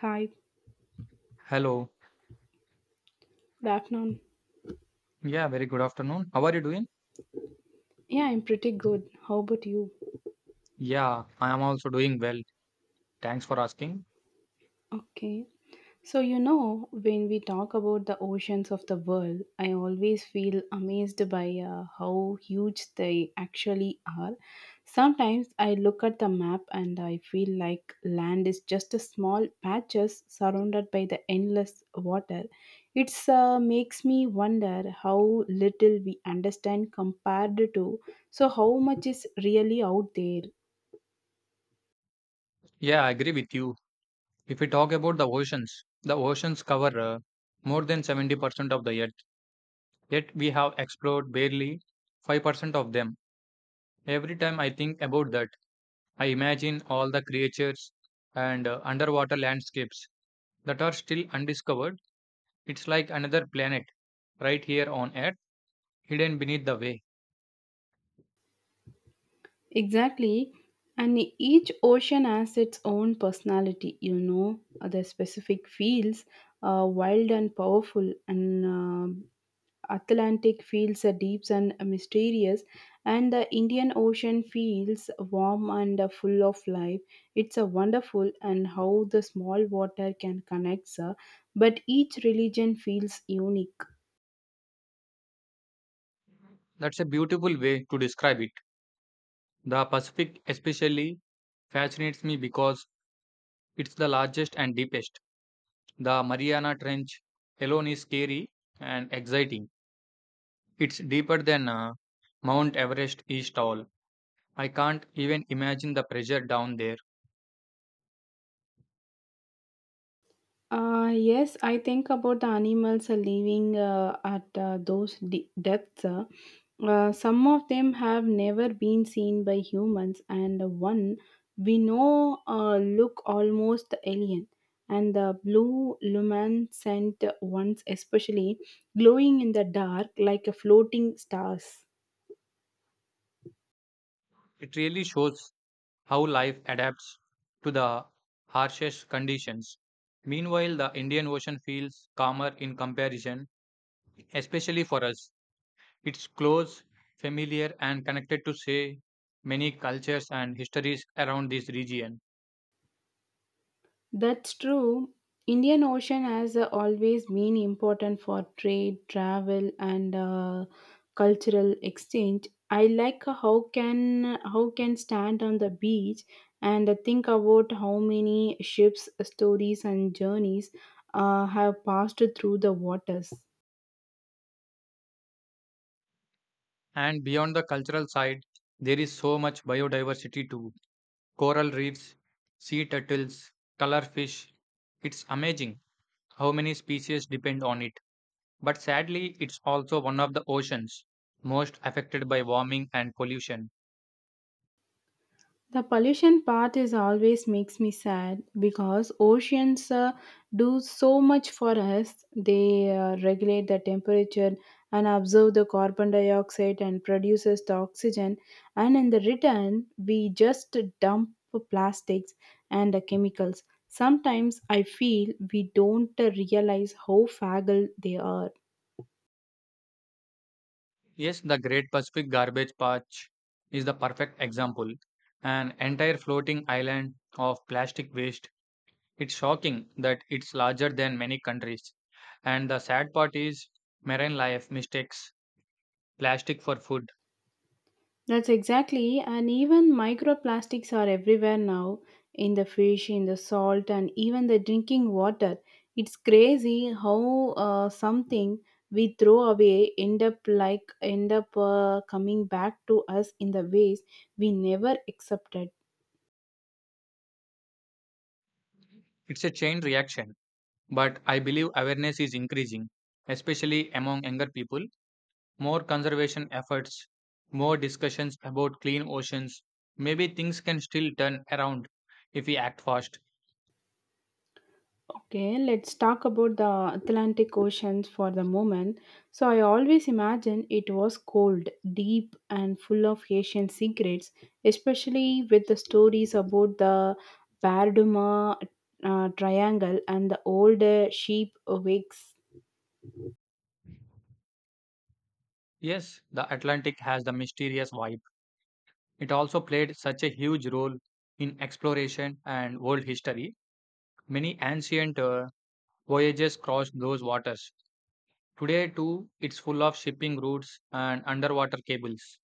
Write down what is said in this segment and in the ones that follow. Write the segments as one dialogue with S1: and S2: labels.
S1: Hi,
S2: Hello.
S1: good afternoon.
S2: Yeah, very good afternoon. How are you doing?
S1: Yeah, I'm pretty good. How about you?
S2: Yeah, I am also doing well. Thanks for asking.
S1: Okay. So, when we talk about the oceans of the world, I always feel amazed by how huge they actually are. Sometimes I look at the map and I feel like land is just a small patches surrounded by the endless water. It's makes me wonder how little we understand compared to so how much is really out there.
S2: Yeah, I agree with you. If we talk about the oceans cover more than 70% of the earth, yet we have explored barely 5% of them. Every time I think about that, I imagine all the creatures and underwater landscapes that are still undiscovered. It's like another planet right here on Earth, hidden beneath the way.
S1: Exactly. And each ocean has its own personality, the specific feels wild and powerful, and Atlantic feels deep and mysterious, and the Indian Ocean feels warm and full of life. It's a wonderful and how the small water can connect, sir. But each religion feels unique.
S2: That's a beautiful way to describe it. The Pacific especially fascinates me because it's the largest and deepest. The Mariana Trench alone is scary and exciting. It's deeper than Mount Everest is tall. I can't even imagine the pressure down there.
S1: Yes, I think about the animals are living at those depths. Some of them have never been seen by humans, and one we know look almost alien. And the blue luminescent ones, especially glowing in the dark like a floating stars.
S2: It really shows how life adapts to the harshest conditions. Meanwhile, the Indian Ocean feels calmer in comparison, especially for us. It's close, familiar, and connected to, say, many cultures and histories around this region.
S1: That's true. Indian Ocean has always been important for trade, travel, and cultural exchange. I like how can stand on the beach and think about how many ships, stories, and journeys have passed through the waters.
S2: And beyond the cultural side, there is so much biodiversity too: coral reefs, sea turtles, color fish. It's amazing how many species depend on it. But sadly, it's also one of the oceans most affected by warming and pollution.
S1: The pollution part is always makes me sad because oceans do so much for us. They regulate the temperature and absorb the carbon dioxide and produces the oxygen. And in the return, we just dump plastics and the chemicals. Sometimes I feel we don't realize how fragile they are.
S2: Yes, the Great Pacific Garbage Patch is the perfect example. An entire floating island of plastic waste. It's shocking that it's larger than many countries. And the sad part is marine life mistakes plastic for food.
S1: That's exactly, and even microplastics are everywhere now in the fish, in the salt, and even the drinking water. It's crazy how something we throw away end up coming back to us in the ways we never accepted.
S2: It's a chain reaction. But I believe awareness is increasing, especially among younger people. More conservation efforts, more discussions about clean oceans. Maybe things can still turn around if we act fast.
S1: Okay, let's talk about the Atlantic Ocean for the moment. So, I always imagined it was cold, deep, and full of Asian secrets, especially with the stories about the Barduma Triangle and the old sheep wakes.
S2: Yes, the Atlantic has the mysterious vibe. It also played such a huge role in exploration and world history. Many ancient voyages crossed those waters. Today, too, it's full of shipping routes and underwater cables.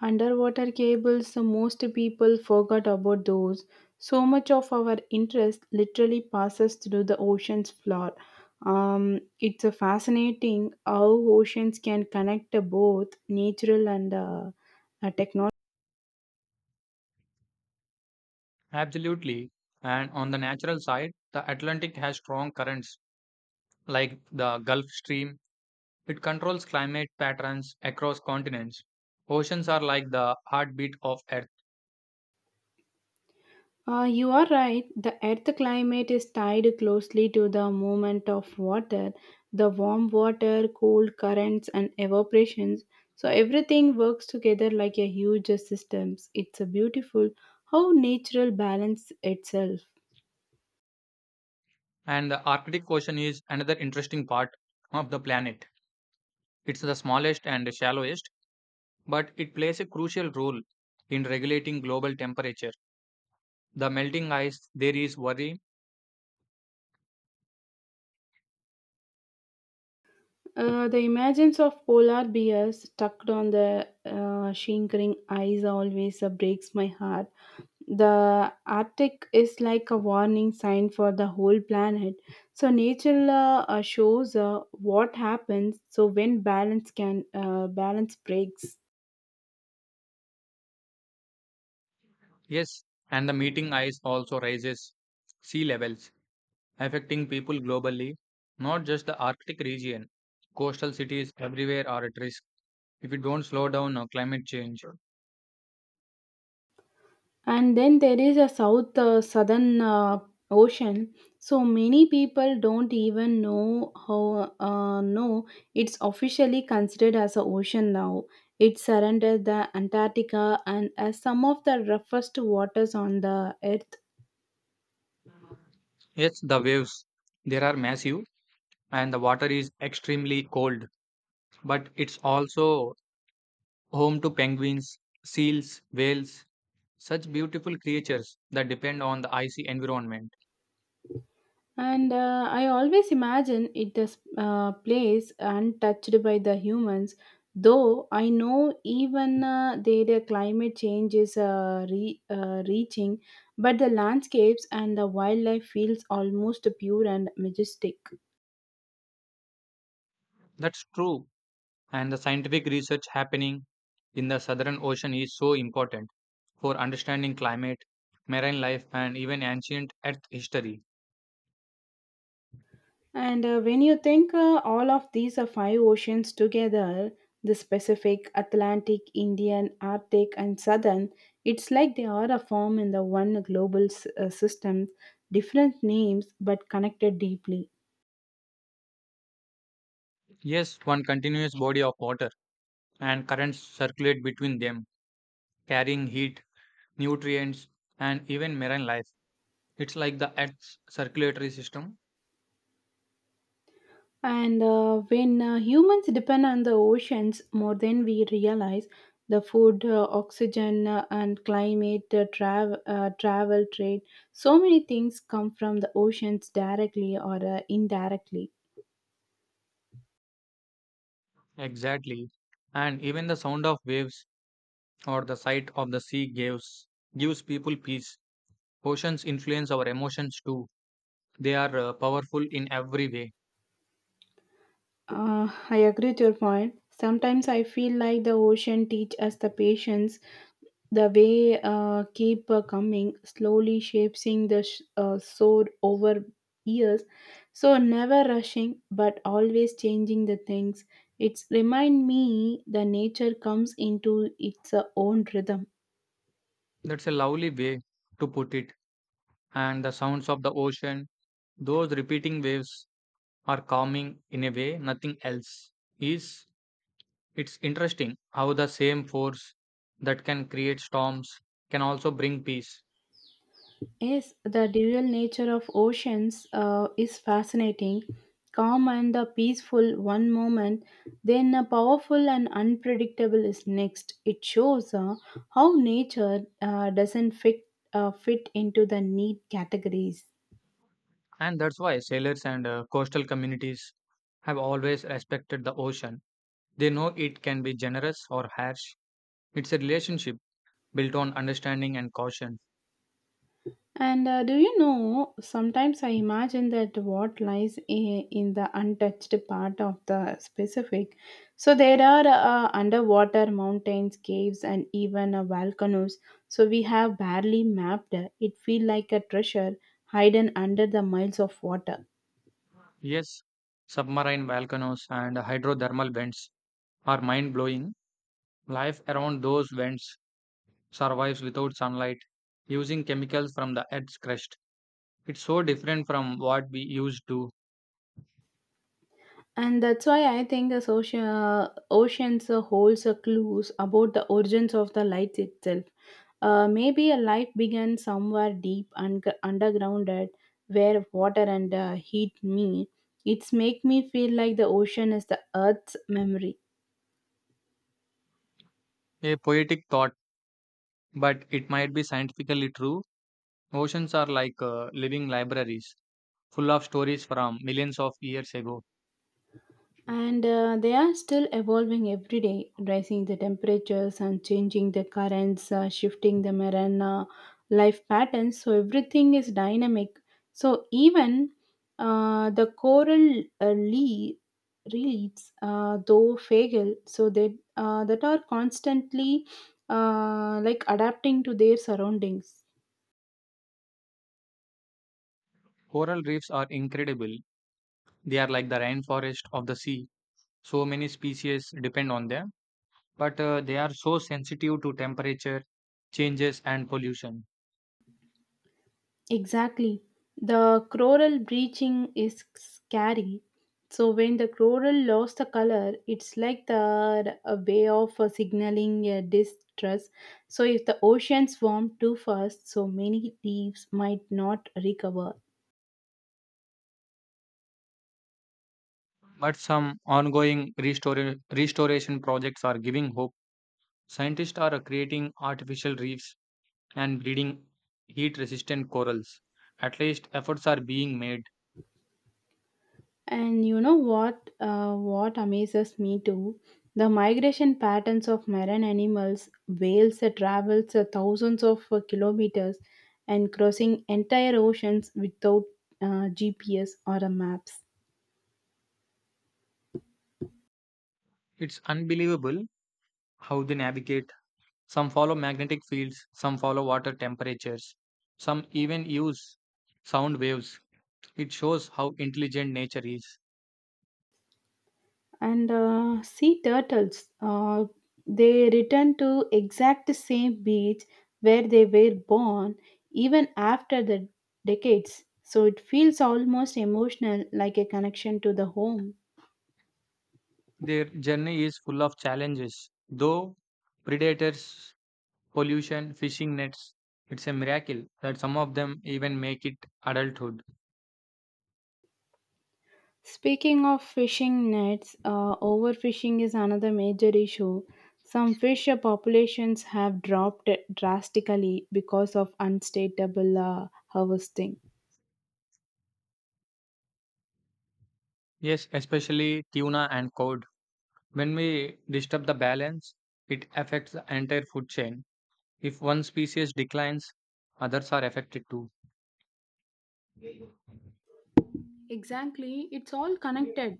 S1: Underwater cables, the most people forgot about those. So much of our interest literally passes through the ocean's floor. It's a fascinating how oceans can connect both natural and technology.
S2: Absolutely. And on the natural side, the Atlantic has strong currents like the Gulf Stream. It controls climate patterns across continents. Oceans are like the heartbeat of Earth.
S1: You are right. The Earth climate is tied closely to the movement of water, the warm water, cold currents, and evaporations. So everything works together like a huge systems. It's a beautiful how natural balance itself.
S2: And the Arctic Ocean is another interesting part of the planet. It's the smallest and shallowest, but it plays a crucial role in regulating global temperature. The melting ice, there is worry.
S1: The images of polar bears stuck on the shrinking ice always breaks my heart. The Arctic is like a warning sign for the whole planet. So nature shows what happens. So when balance can balance breaks,
S2: Yes, and the meeting ice also raises sea levels, affecting people globally, not just the Arctic region. Coastal cities everywhere are at risk if we don't slow down climate change.
S1: and then there is a southern ocean. So many people don't even know how know it's officially considered as a ocean now. It surrounded the Antarctica and as some of the roughest waters on the Earth.
S2: Yes, the waves there are massive and the water is extremely cold, but it's also home to penguins, seals, whales, such beautiful creatures that depend on the icy environment.
S1: And I always imagine it is place untouched by the humans, though I know even there the climate change is reaching, but the landscapes and the wildlife feels almost pure and majestic.
S2: That's true, and the scientific research happening in the southern ocean is so important for understanding climate, marine life, and even ancient Earth history.
S1: And when you think all of these are five oceans together the Pacific, Atlantic, Indian, Arctic, and Southern it's like they are a form in the one global system, different names but connected deeply.
S2: Yes, one continuous body of water and currents circulate between them, carrying heat, nutrients, and even marine life. It's like the Earth's circulatory system.
S1: And when humans depend on the oceans more than we realize, the food, oxygen, and climate, travel, trade, so many things come from the oceans directly or indirectly.
S2: Exactly. And even the sound of waves or the sight of the sea gives people peace. Oceans influence our emotions too. They are powerful in every way.
S1: I agree with your point. Sometimes I feel like the ocean teach us the patience, the way keep coming, slowly shaping the sword over years. So never rushing, but always changing the things. It's remind me the nature comes into its own rhythm.
S2: That's a lovely way to put it. And the sounds of the ocean, those repeating waves are calming in a way nothing else is. It's interesting how the same force that can create storms can also bring peace.
S1: Yes, the dual nature of oceans is fascinating. Calm and the peaceful one moment, then a powerful and unpredictable is next. It shows how nature doesn't fit fit into the neat categories.
S2: And that's why sailors and coastal communities have always respected the ocean. They know it can be generous or harsh. It's a relationship built on understanding and caution.
S1: And do you know, sometimes I imagine that what lies in the untouched part of the Pacific. So there are underwater mountains, caves, and even volcanoes. So we have barely mapped. It feels like a treasure hidden under the miles of water.
S2: Yes, submarine volcanoes and hydrothermal vents are mind blowing. Life around those vents survives without sunlight using chemicals from the earth's crust. It's so different from what we used to.
S1: And that's why I think the social oceans holds a clues about the origins of the light itself. Maybe a life began somewhere deep and undergrounded where water and heat meet. It's make me feel like the ocean is the Earth's memory.
S2: A poetic thought, but it might be scientifically true. Oceans are like living libraries, full of stories from millions of years ago.
S1: And they are still evolving every day, rising the temperatures and changing the currents, shifting the marine life patterns. So everything is dynamic. So even the coral reefs, though fragile, so they that are constantly like adapting to their surroundings.
S2: Coral reefs are incredible. They are like the rainforest of the sea. So many species depend on them, but they are so sensitive to temperature changes and pollution.
S1: Exactly. The coral bleaching is scary. So when the coral lost the color, it's like the a way of signaling distress. So if the oceans warm too fast, so many reefs might not recover.
S2: But some ongoing restoration projects are giving hope. Scientists are creating artificial reefs and breeding heat resistant corals. At least efforts are being made.
S1: And you know what? What amazes me too, the migration patterns of marine animals. Whales that travels thousands of kilometers and crossing entire oceans without GPS or a maps.
S2: It's unbelievable how they navigate. Some follow magnetic fields, some follow water temperatures, some even use sound waves. It shows how intelligent nature is.
S1: And sea turtles, they return to exact same beach where they were born, even after the decades. So it feels almost emotional, like a connection to the home.
S2: Their journey is full of challenges, though: predators, pollution, fishing nets. It's a miracle that some of them even make it adulthood.
S1: Speaking of fishing nets, overfishing is another major issue. Some fish populations have dropped drastically because of unstatable harvesting.
S2: Yes, especially tuna and cod. When we disturb the balance, it affects the entire food chain. If one species declines, others are affected too.
S1: Exactly, it's all connected.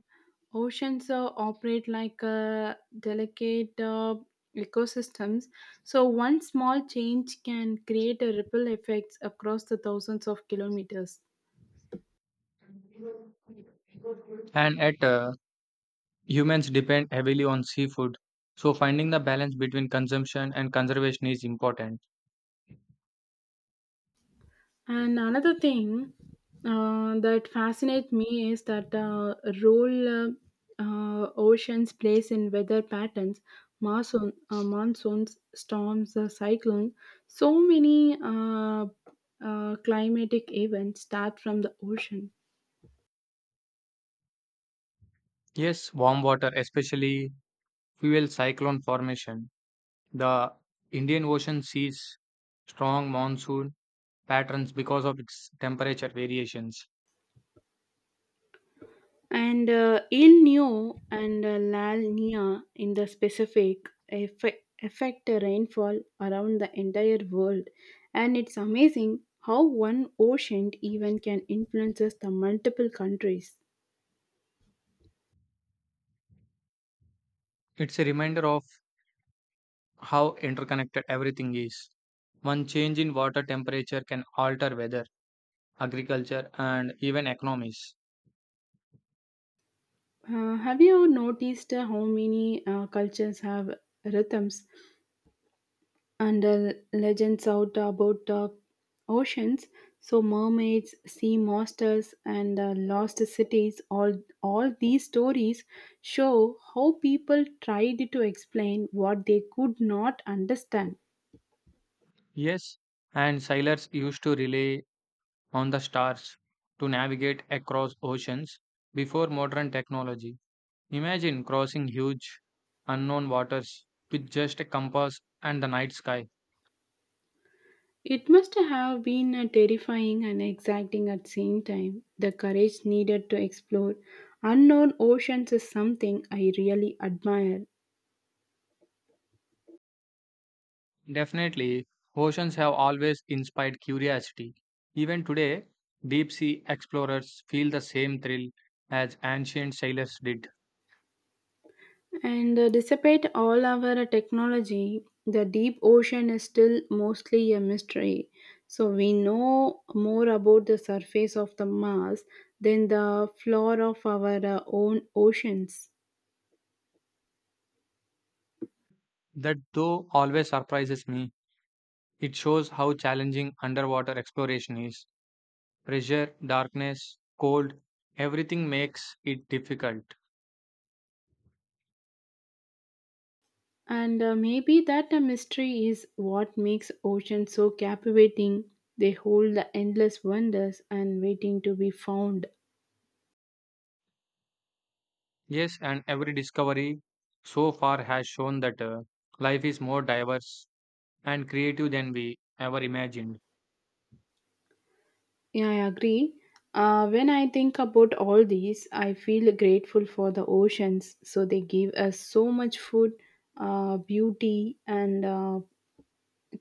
S1: Oceans operate like delicate ecosystems, so one small change can create a ripple effects across the thousands of kilometers.
S2: And at humans depend heavily on seafood, so finding the balance between consumption and conservation is important.
S1: And another thing that fascinates me is that role oceans plays in weather patterns, monsoons, storms, cyclones. So many climatic events start from the ocean.
S2: Yes, warm water especially fuel cyclone formation. The Indian Ocean sees strong monsoon patterns because of its temperature variations.
S1: And El Nino and La Nina in the specific affect the rainfall around the entire world. And it's amazing how one ocean even can influences the multiple countries.
S2: It's a reminder of how interconnected everything is. One change in water temperature can alter weather, agriculture, and even economies.
S1: Have you noticed how many cultures have rhythms and legends out about oceans, so mermaids, sea monsters, and lost cities. All these stories show how people tried to explain what they could not understand.
S2: Yes, and sailors used to rely on the stars to navigate across oceans before modern technology. Imagine crossing huge unknown waters with just a compass and the night sky.
S1: It must have been terrifying and exciting at the same time. The courage needed to explore unknown oceans is something I really admire.
S2: Definitely, oceans have always inspired curiosity. Even today, deep sea explorers feel the same thrill as ancient sailors did.
S1: And despite all our technology, the deep ocean is still mostly a mystery. So we know more about the surface of the Mars than the floor of our own oceans.
S2: That, though, always surprises me. It shows how challenging underwater exploration is. Pressure, darkness, cold, everything makes it difficult.
S1: And maybe that mystery is what makes oceans so captivating. They hold the endless wonders and waiting to be found.
S2: Yes, and every discovery so far has shown that life is more diverse and creative than we ever imagined.
S1: Yeah, I agree. When I think about all these, I feel grateful for the oceans. So they give us so much food, beauty, and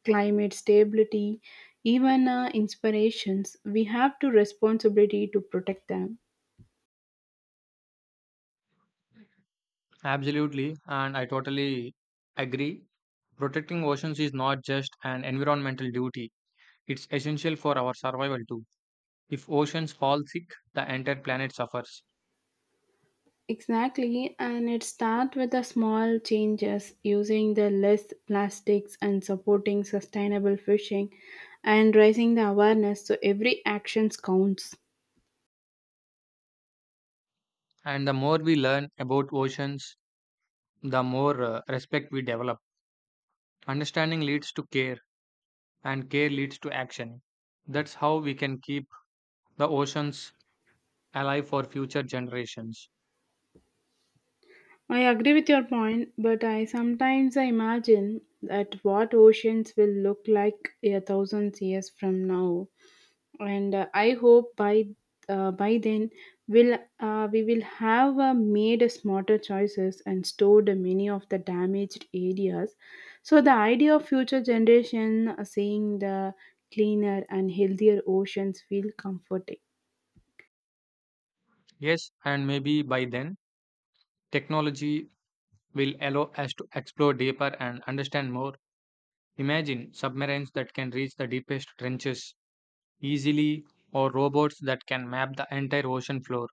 S1: climate stability, even inspirations. We have to responsibility to protect them.
S2: Absolutely, and I totally agree. Protecting oceans is not just an environmental duty, it's essential for our survival too. If oceans fall sick, the entire planet suffers.
S1: Exactly, and it starts with the small changes, using the less plastics and supporting sustainable fishing, and raising the awareness. So every actions counts.
S2: And the more we learn about oceans, the more respect we develop. Understanding leads to care, and care leads to action. That's how we can keep the oceans alive for future generations.
S1: I agree with your point, but I sometimes I imagine that what oceans will look like a thousand years from now, and I hope by then will we will have made smarter choices and stored many of the damaged areas. So the idea of future generation seeing the cleaner and healthier oceans feel comforting.
S2: Yes, and maybe by then, technology will allow us to explore deeper and understand more. Imagine submarines that can reach the deepest trenches easily, or robots that can map the entire ocean floor.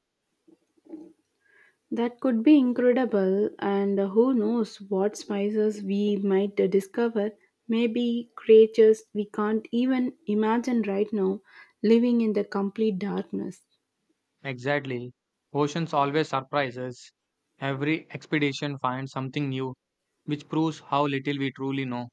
S1: That could be incredible, and who knows what spices we might discover. Maybe creatures we can't even imagine right now living in the complete darkness.
S2: Exactly. Oceans always surprise us. Every expedition finds something new, which proves how little we truly know.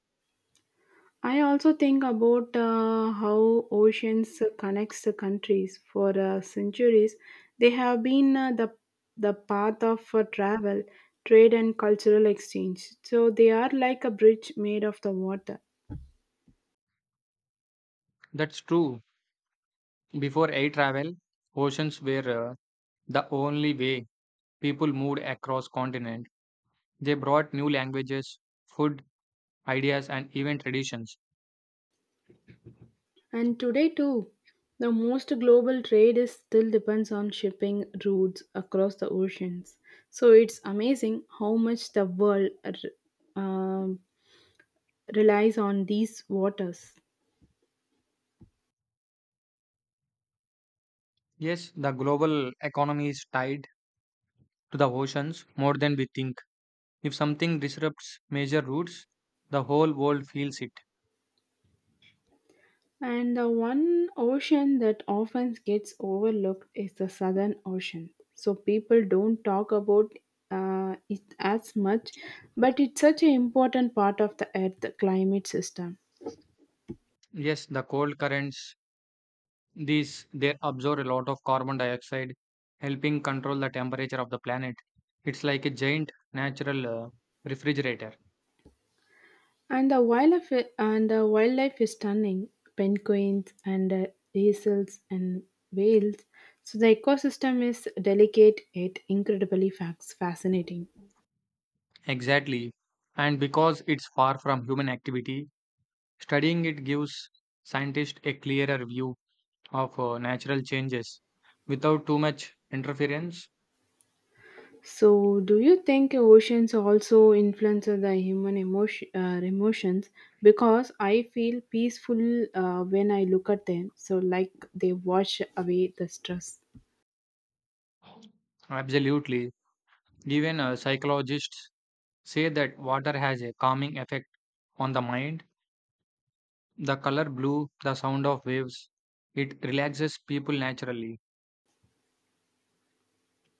S1: I also think about how oceans connects the countries. For centuries, they have been the path of travel, trade, and cultural exchange. So they are like a bridge made of the water.
S2: That's true. Before air travel, oceans were the only way people moved across continent. They brought new languages, food, ideas, and even traditions.
S1: And today too, the most global trade is still depends on shipping routes across the oceans. So it's amazing how much the world relies on these waters.
S2: Yes, the global economy is tied to the oceans more than we think. If something disrupts major routes, the whole world feels it.
S1: And the one ocean that often gets overlooked is the Southern Ocean. So people don't talk about it as much, but it's such an important part of the Earth climate system.
S2: Yes, the cold currents, these they absorb a lot of carbon dioxide, helping control the temperature of the planet. It's like a giant natural refrigerator.
S1: And the wildlife and the wildlife is stunning. Penguins and easels and whales. So the ecosystem is delicate yet incredibly fascinating.
S2: Exactly. And because it's far from human activity, studying it gives scientists a clearer view of natural changes without too much interference.
S1: So, do you think oceans also influence the human emotions? Because I feel peaceful when I look at them. So, like they wash away the stress.
S2: Absolutely. Even psychologists say that water has a calming effect on the mind. The color blue, the sound of waves, it relaxes people naturally.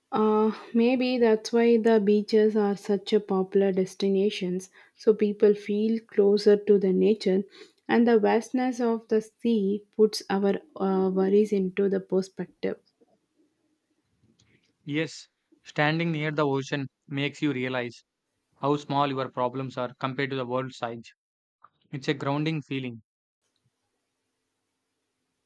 S1: Maybe that's why the beaches are such a popular destinations, so people feel closer to the nature, and the vastness of the sea puts our worries into the perspective.
S2: Yes, standing near the ocean makes you realize how small your problems are compared to the world size. It's a grounding feeling.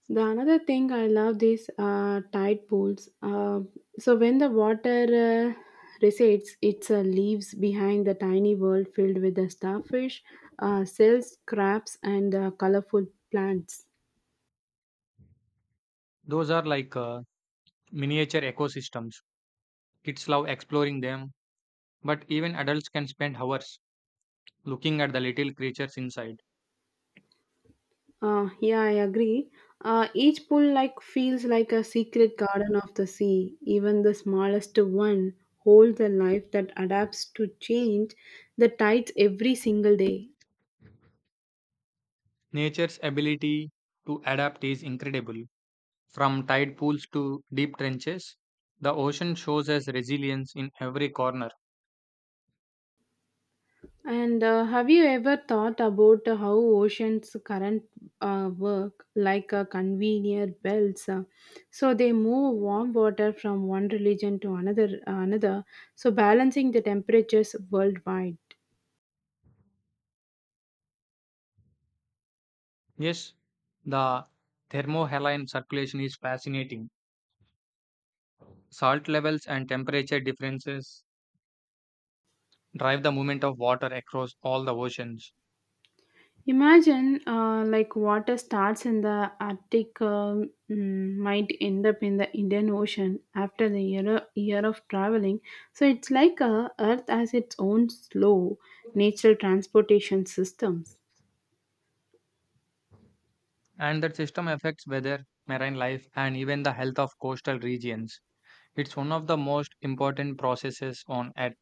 S1: The another thing I love these tide pools. So when the water recedes, it leaves behind the tiny world filled with the starfish, cells, crabs, and colorful plants.
S2: Those are like miniature ecosystems. Kids love exploring them, but even adults can spend hours looking at the little creatures inside.
S1: Yeah, I agree. Each pool like feels like a secret garden of the sea. Even the smallest one holds a life that adapts to change the tides every single day.
S2: Nature's ability to adapt is incredible. From tide pools to deep trenches, the ocean shows us resilience in every corner.
S1: And have you ever thought about how oceans current work like a conveyor belts? So they move warm water from one region to another, another, so balancing the temperatures worldwide.
S2: Yes, the thermohaline circulation is fascinating. Salt levels and temperature differences drive the movement of water across all the oceans,
S1: Imagine like water starts in the Arctic might end up in the Indian Ocean after the year of traveling. So it's like Earth has its own slow natural transportation systems.
S2: and that system affects weather, marine life, and even the health of coastal regions. It's one of the most important processes on Earth.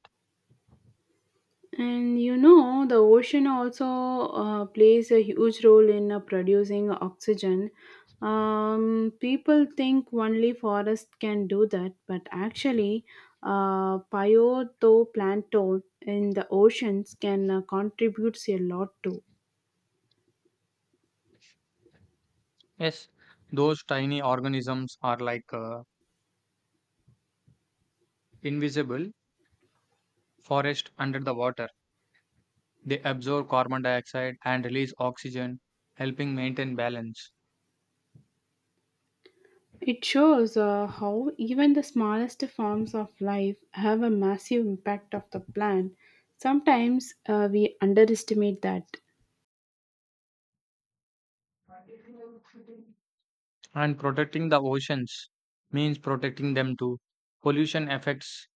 S1: And you know, the ocean also plays a huge role in producing oxygen. People think only forests can do that, but actually, phytoplankton in the oceans can contribute a lot too.
S2: Yes, those tiny organisms are like invisible forest under the water. They absorb carbon dioxide and release oxygen, helping maintain balance.
S1: It shows how even the smallest forms of life have a massive impact of the plant. Sometimes we underestimate that.
S2: And protecting the oceans means protecting them too. Pollution affects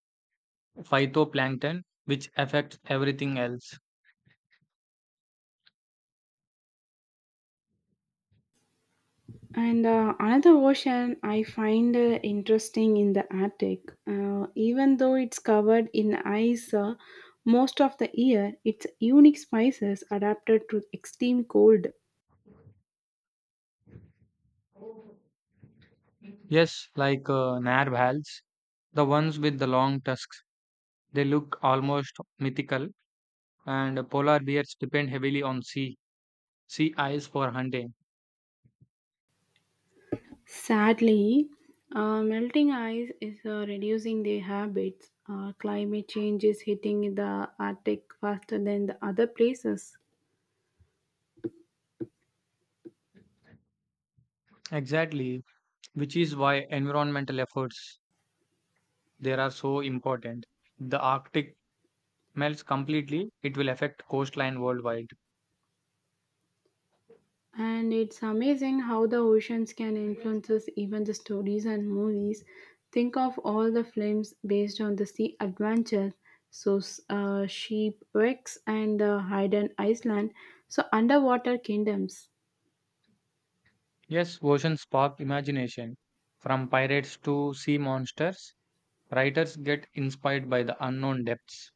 S2: phytoplankton, which affects everything else.
S1: And another ocean I find interesting in the Arctic. Even though it's covered in ice most of the year, its unique spices adapted to extreme cold.
S2: Yes, like narwhals, the ones with the long tusks. They look almost mythical, and polar bears depend heavily on sea ice for hunting.
S1: Sadly, melting ice is reducing their habits. Climate change is hitting the Arctic faster than the other places.
S2: Exactly, which is why environmental efforts there are so important. The Arctic melts completely, it will affect coastline worldwide.
S1: And it's amazing how the oceans can influence us, even the stories and movies. Think of all the films based on the sea adventure. So, shipwrecks and hidden Iceland. So, underwater kingdoms.
S2: Yes, oceans spark imagination. From pirates to sea monsters, writers get inspired by the unknown depths.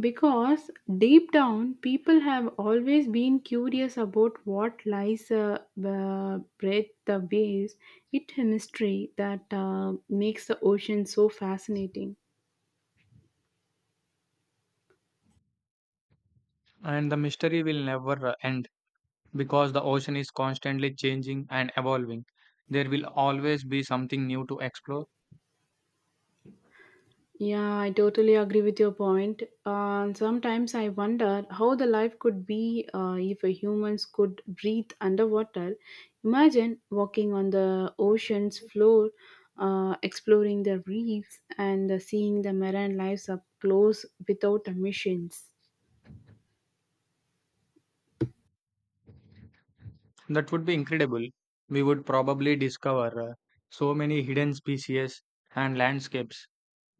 S1: Because deep down, people have always been curious about what lies breath the waves. It's a mystery that makes the ocean so fascinating.
S2: And the mystery will never end because the ocean is constantly changing and evolving. There will always be something new to explore.
S1: Yeah, I totally agree with your point. And sometimes I wonder how the life could be if a humans could breathe underwater. Imagine walking on the ocean's floor, exploring the reefs, and seeing the marine lives up close without emissions.
S2: That would be incredible. We would probably discover so many hidden species and landscapes.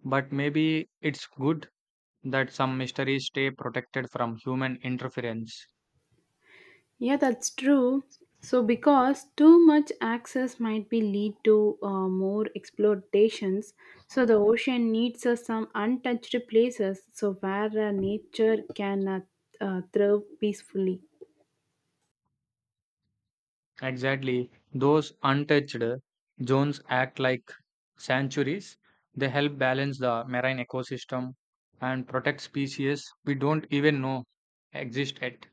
S2: But maybe it's good that some mysteries stay protected from human interference.
S1: Yeah, that's true. So, because too much access might be lead to more exploitations, so the ocean needs some untouched places, so where nature can thrive peacefully.
S2: Exactly, those untouched zones act like sanctuaries. They help balance the marine ecosystem and protect species we don't even know exist yet.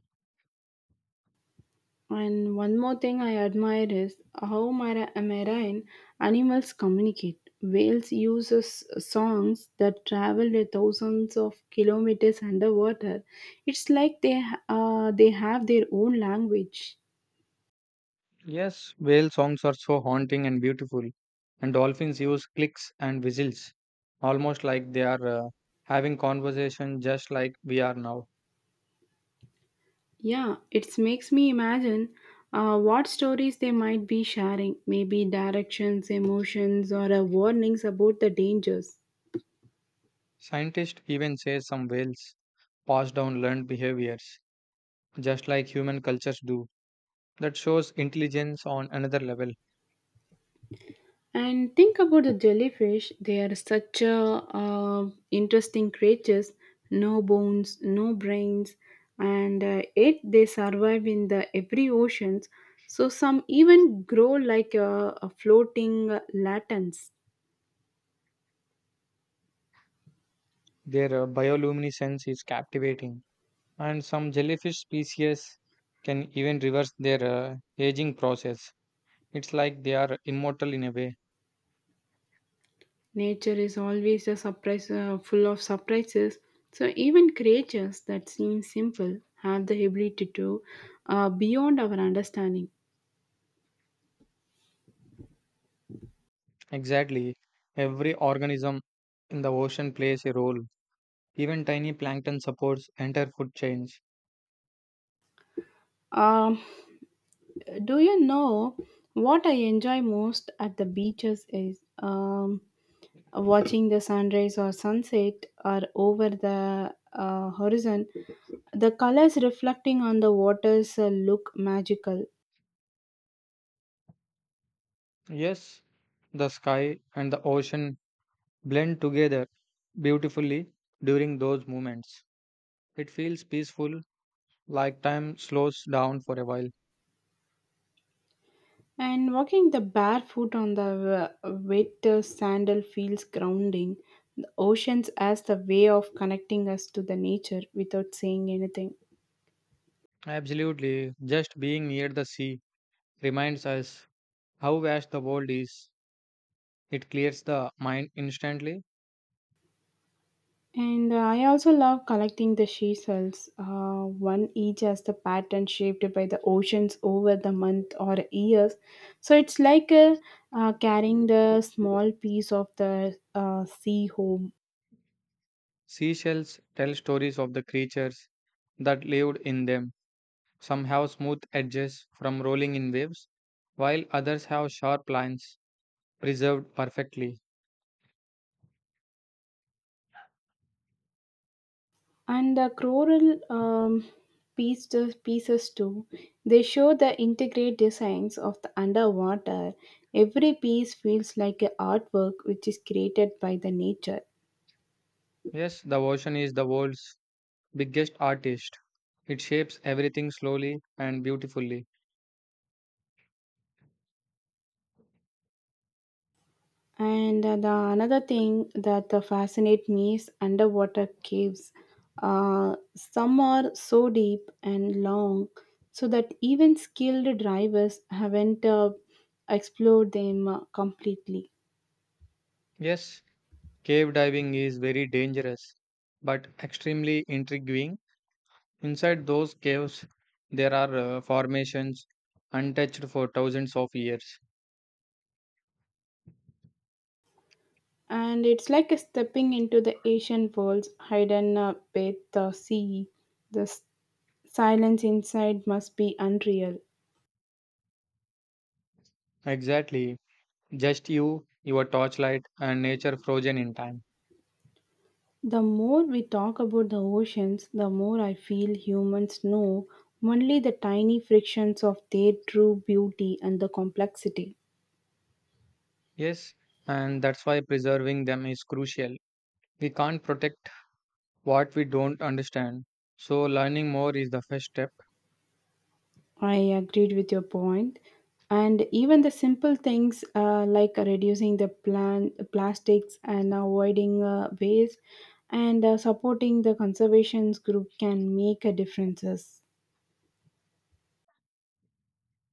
S1: And one more thing I admire is how marine animals communicate. Whales use songs that travel the thousands of kilometers underwater. It's like they have their own language.
S2: Yes, whale songs are so haunting and beautiful, and dolphins use clicks and whistles, almost like they are having conversation just like we are now.
S1: Yeah, it makes me imagine what stories they might be sharing, maybe directions, emotions, or warnings about the dangers.
S2: Scientists even say some whales pass down learned behaviors just like human cultures do. That shows intelligence on another level.
S1: And think about the jellyfish, they are such interesting creatures, no bones, no brains, and yet they survive in the every oceans. So some even grow like a floating latents.
S2: Their bioluminescence is captivating, and some jellyfish species can even reverse their aging process. It's like they are immortal in a way.
S1: Nature is always a surprise, full of surprises. So even creatures that seem simple have the ability to beyond our understanding.
S2: Exactly. Every organism in the ocean plays a role. Even tiny plankton supports entire food chains.
S1: Um, do you know what I enjoy most at the beaches is watching the sunrise or sunset or over the horizon. The colors reflecting on the waters look magical.
S2: Yes, the sky and the ocean blend together beautifully during those moments. It feels peaceful, like time slows down for a while.
S1: And walking the barefoot on the wet sandal feels grounding. The oceans as the way of connecting us to the nature without saying anything.
S2: Absolutely. Just being near the sea reminds us how vast the world is. It clears the mind instantly.
S1: And I also love collecting the seashells, one each as the pattern shaped by the oceans over the month or years. So it's like carrying the small piece of the sea home.
S2: Seashells tell stories of the creatures that lived in them. Some have smooth edges from rolling in waves, while others have sharp lines preserved perfectly.
S1: And the choral pieces too. They show the intricate designs of the underwater. Every piece feels like an artwork which is created by the nature.
S2: Yes, the ocean is the world's biggest artist. It shapes everything slowly and beautifully.
S1: And the another thing that fascinates me is underwater caves. Some are so deep and long, so that even skilled divers haven't explored them completely.
S2: Yes, cave diving is very dangerous but extremely intriguing. Inside those caves, there are formations untouched for thousands of years.
S1: And it's like a stepping into the ancient world's hidden beneath the sea. The silence inside must be unreal.
S2: Exactly, just you, your torchlight, and nature frozen in time.
S1: The more we talk about the oceans, the more I feel humans know only the tiny frictions of their true beauty and the complexity.
S2: Yes, and that's why preserving them is crucial. We can't protect what we don't understand, so learning more is the first step.
S1: I agreed with your point. And even the simple things like reducing the plastics and avoiding waste and supporting the conservations group can make a differences.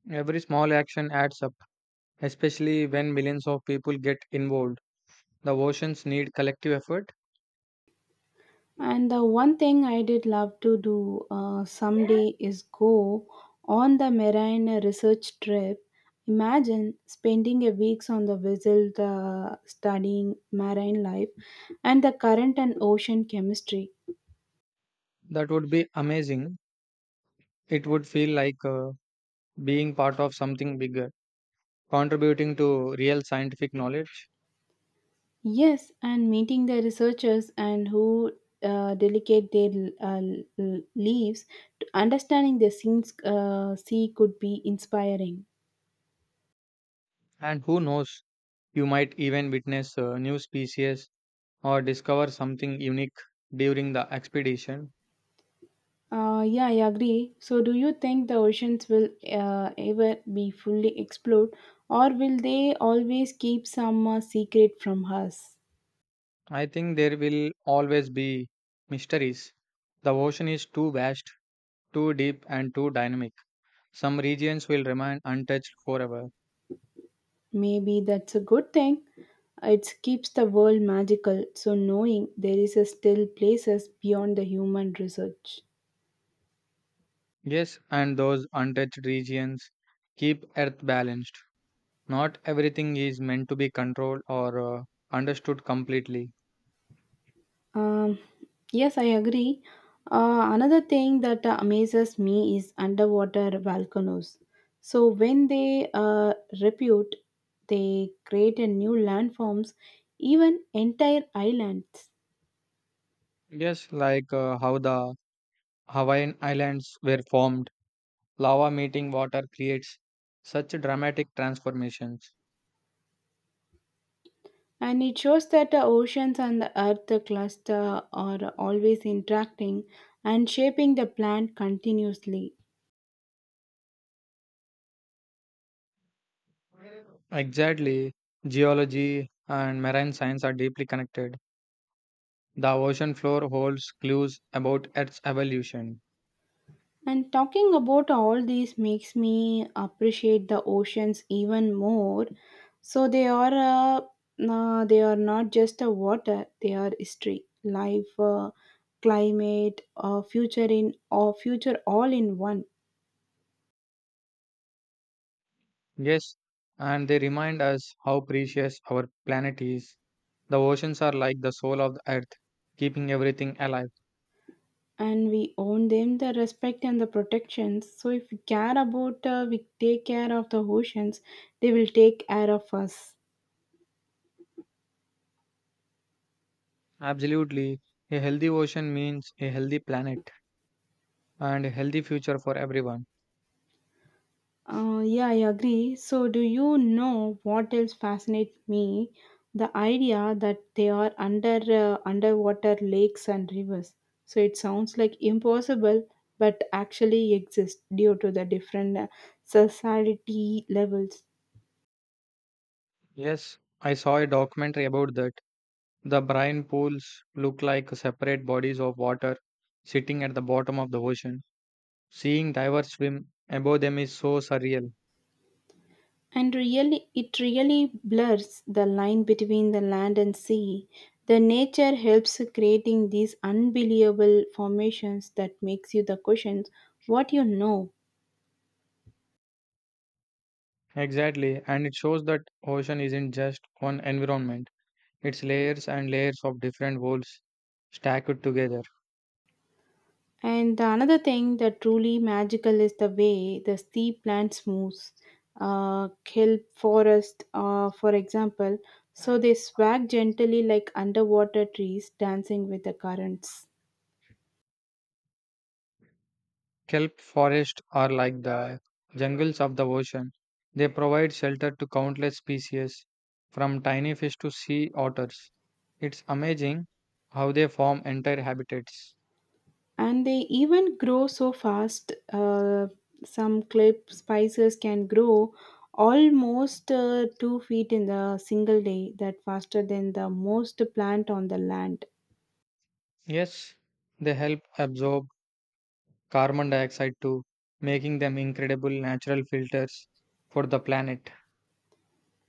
S2: Every small action adds up, especially when millions of people get involved. The oceans need collective effort.
S1: And the one thing I did love to do someday is go on the marine research trip. Imagine spending a weeks on the vessel studying marine life and the current and ocean chemistry.
S2: That would be amazing. It would feel like being part of something bigger, contributing to real scientific knowledge.
S1: Yes, and meeting the researchers and who delegate their uh, leaves, to understanding the scenes sea could be inspiring.
S2: And who knows, you might even witness new species or discover something unique during the expedition.
S1: Yeah, I agree. So, do you think the oceans will ever be fully explored, or will they always keep some secret from us?
S2: I think there will always be mysteries. The ocean is too vast, too deep, and too dynamic. Some regions will remain untouched forever.
S1: Maybe that's a good thing. It keeps the world magical, so knowing there is a still places beyond the human research.
S2: Yes, and those untouched regions keep Earth balanced. Not everything is meant to be controlled or understood completely.
S1: Um, yes, I agree. Another thing that amazes me is underwater volcanoes. So when they repute, they create a new landforms, even entire islands.
S2: Yes, like how the Hawaiian Islands were formed, lava meeting water creates such dramatic transformations.
S1: And it shows that the oceans and the earth cluster are always interacting and shaping the plant continuously.
S2: Exactly, geology and marine science are deeply connected. The ocean floor holds clues about Earth's evolution.
S1: And talking about all these makes me appreciate the oceans even more. So they are nah, they are not just a water; they are history, life, climate, future all in one.
S2: Yes, and they remind us how precious our planet is. The oceans are like the soul of the Earth, keeping everything alive.
S1: And we own them the respect and the protections. So if we care about, we take care of the oceans, they will take care of us.
S2: Absolutely. A healthy ocean means a healthy planet and a healthy future for everyone.
S1: Yeah, I agree. So, do you know what else fascinates me? The idea that they are underwater lakes and rivers. So it sounds like impossible, but actually exists due to the different society levels.
S2: Yes, I saw a documentary about that. The brine pools look like separate bodies of water sitting at the bottom of the ocean. Seeing divers swim above them is so surreal.
S1: And really, it really blurs the line between the land and sea. The nature helps creating these unbelievable formations that makes you the questions what you know.
S2: Exactly, and it shows that ocean isn't just one environment. It's layers and layers of different worlds stacked together.
S1: And the another thing that truly magical is the way the steep plants moves, kelp forest, for example. So they swag gently like underwater trees dancing with the currents,
S2: Kelp forests are like the jungles of the ocean. They provide shelter to countless species, from tiny fish to sea otters. It's amazing how they form entire habitats.
S1: and they even grow so fast. Some kelp spices can grow almost 2 feet in the single day, that faster than the most plant on the land.
S2: Yes, they help absorb carbon dioxide too, making them incredible natural filters for the planet.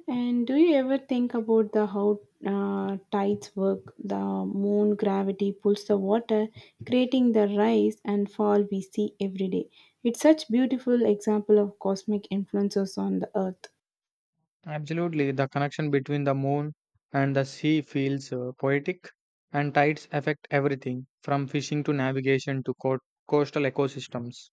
S1: And do you ever think about the how tides work? The moon gravity pulls the water, creating the rise and fall we see every day. It's such beautiful example of cosmic influences on the earth.
S2: Absolutely, the connection between the moon and the sea feels poetic, and tides affect everything from fishing to navigation to coastal ecosystems.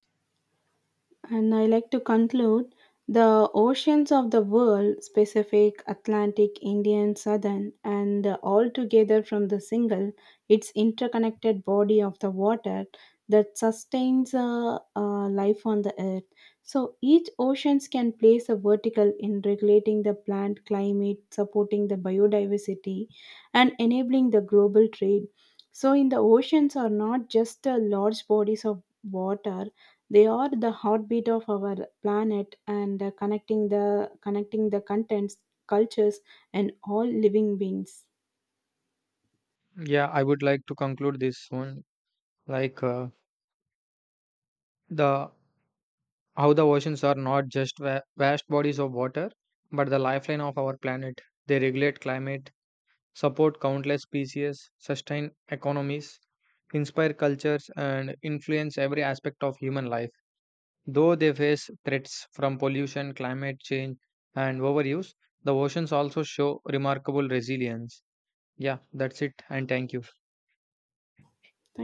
S1: And I like to conclude the oceans of the world, Pacific, Atlantic, Indian, Southern, and all together from the single, its interconnected body of the water that sustains life on the earth. So each oceans can place a vertical in regulating the plant climate, supporting the biodiversity, and enabling the global trade. So in the oceans are not just large bodies of water, they are the heartbeat of our planet and connecting the contents, cultures, and all living beings.
S2: Yeah, I would like to conclude this one. Like the how the oceans are not just vast bodies of water, but the lifeline of our planet. They regulate climate, support countless species, sustain economies, inspire cultures, and influence every aspect of human life. Though they face threats from pollution, climate change, and overuse, the oceans also show remarkable resilience. Yeah, that's it, and thank you.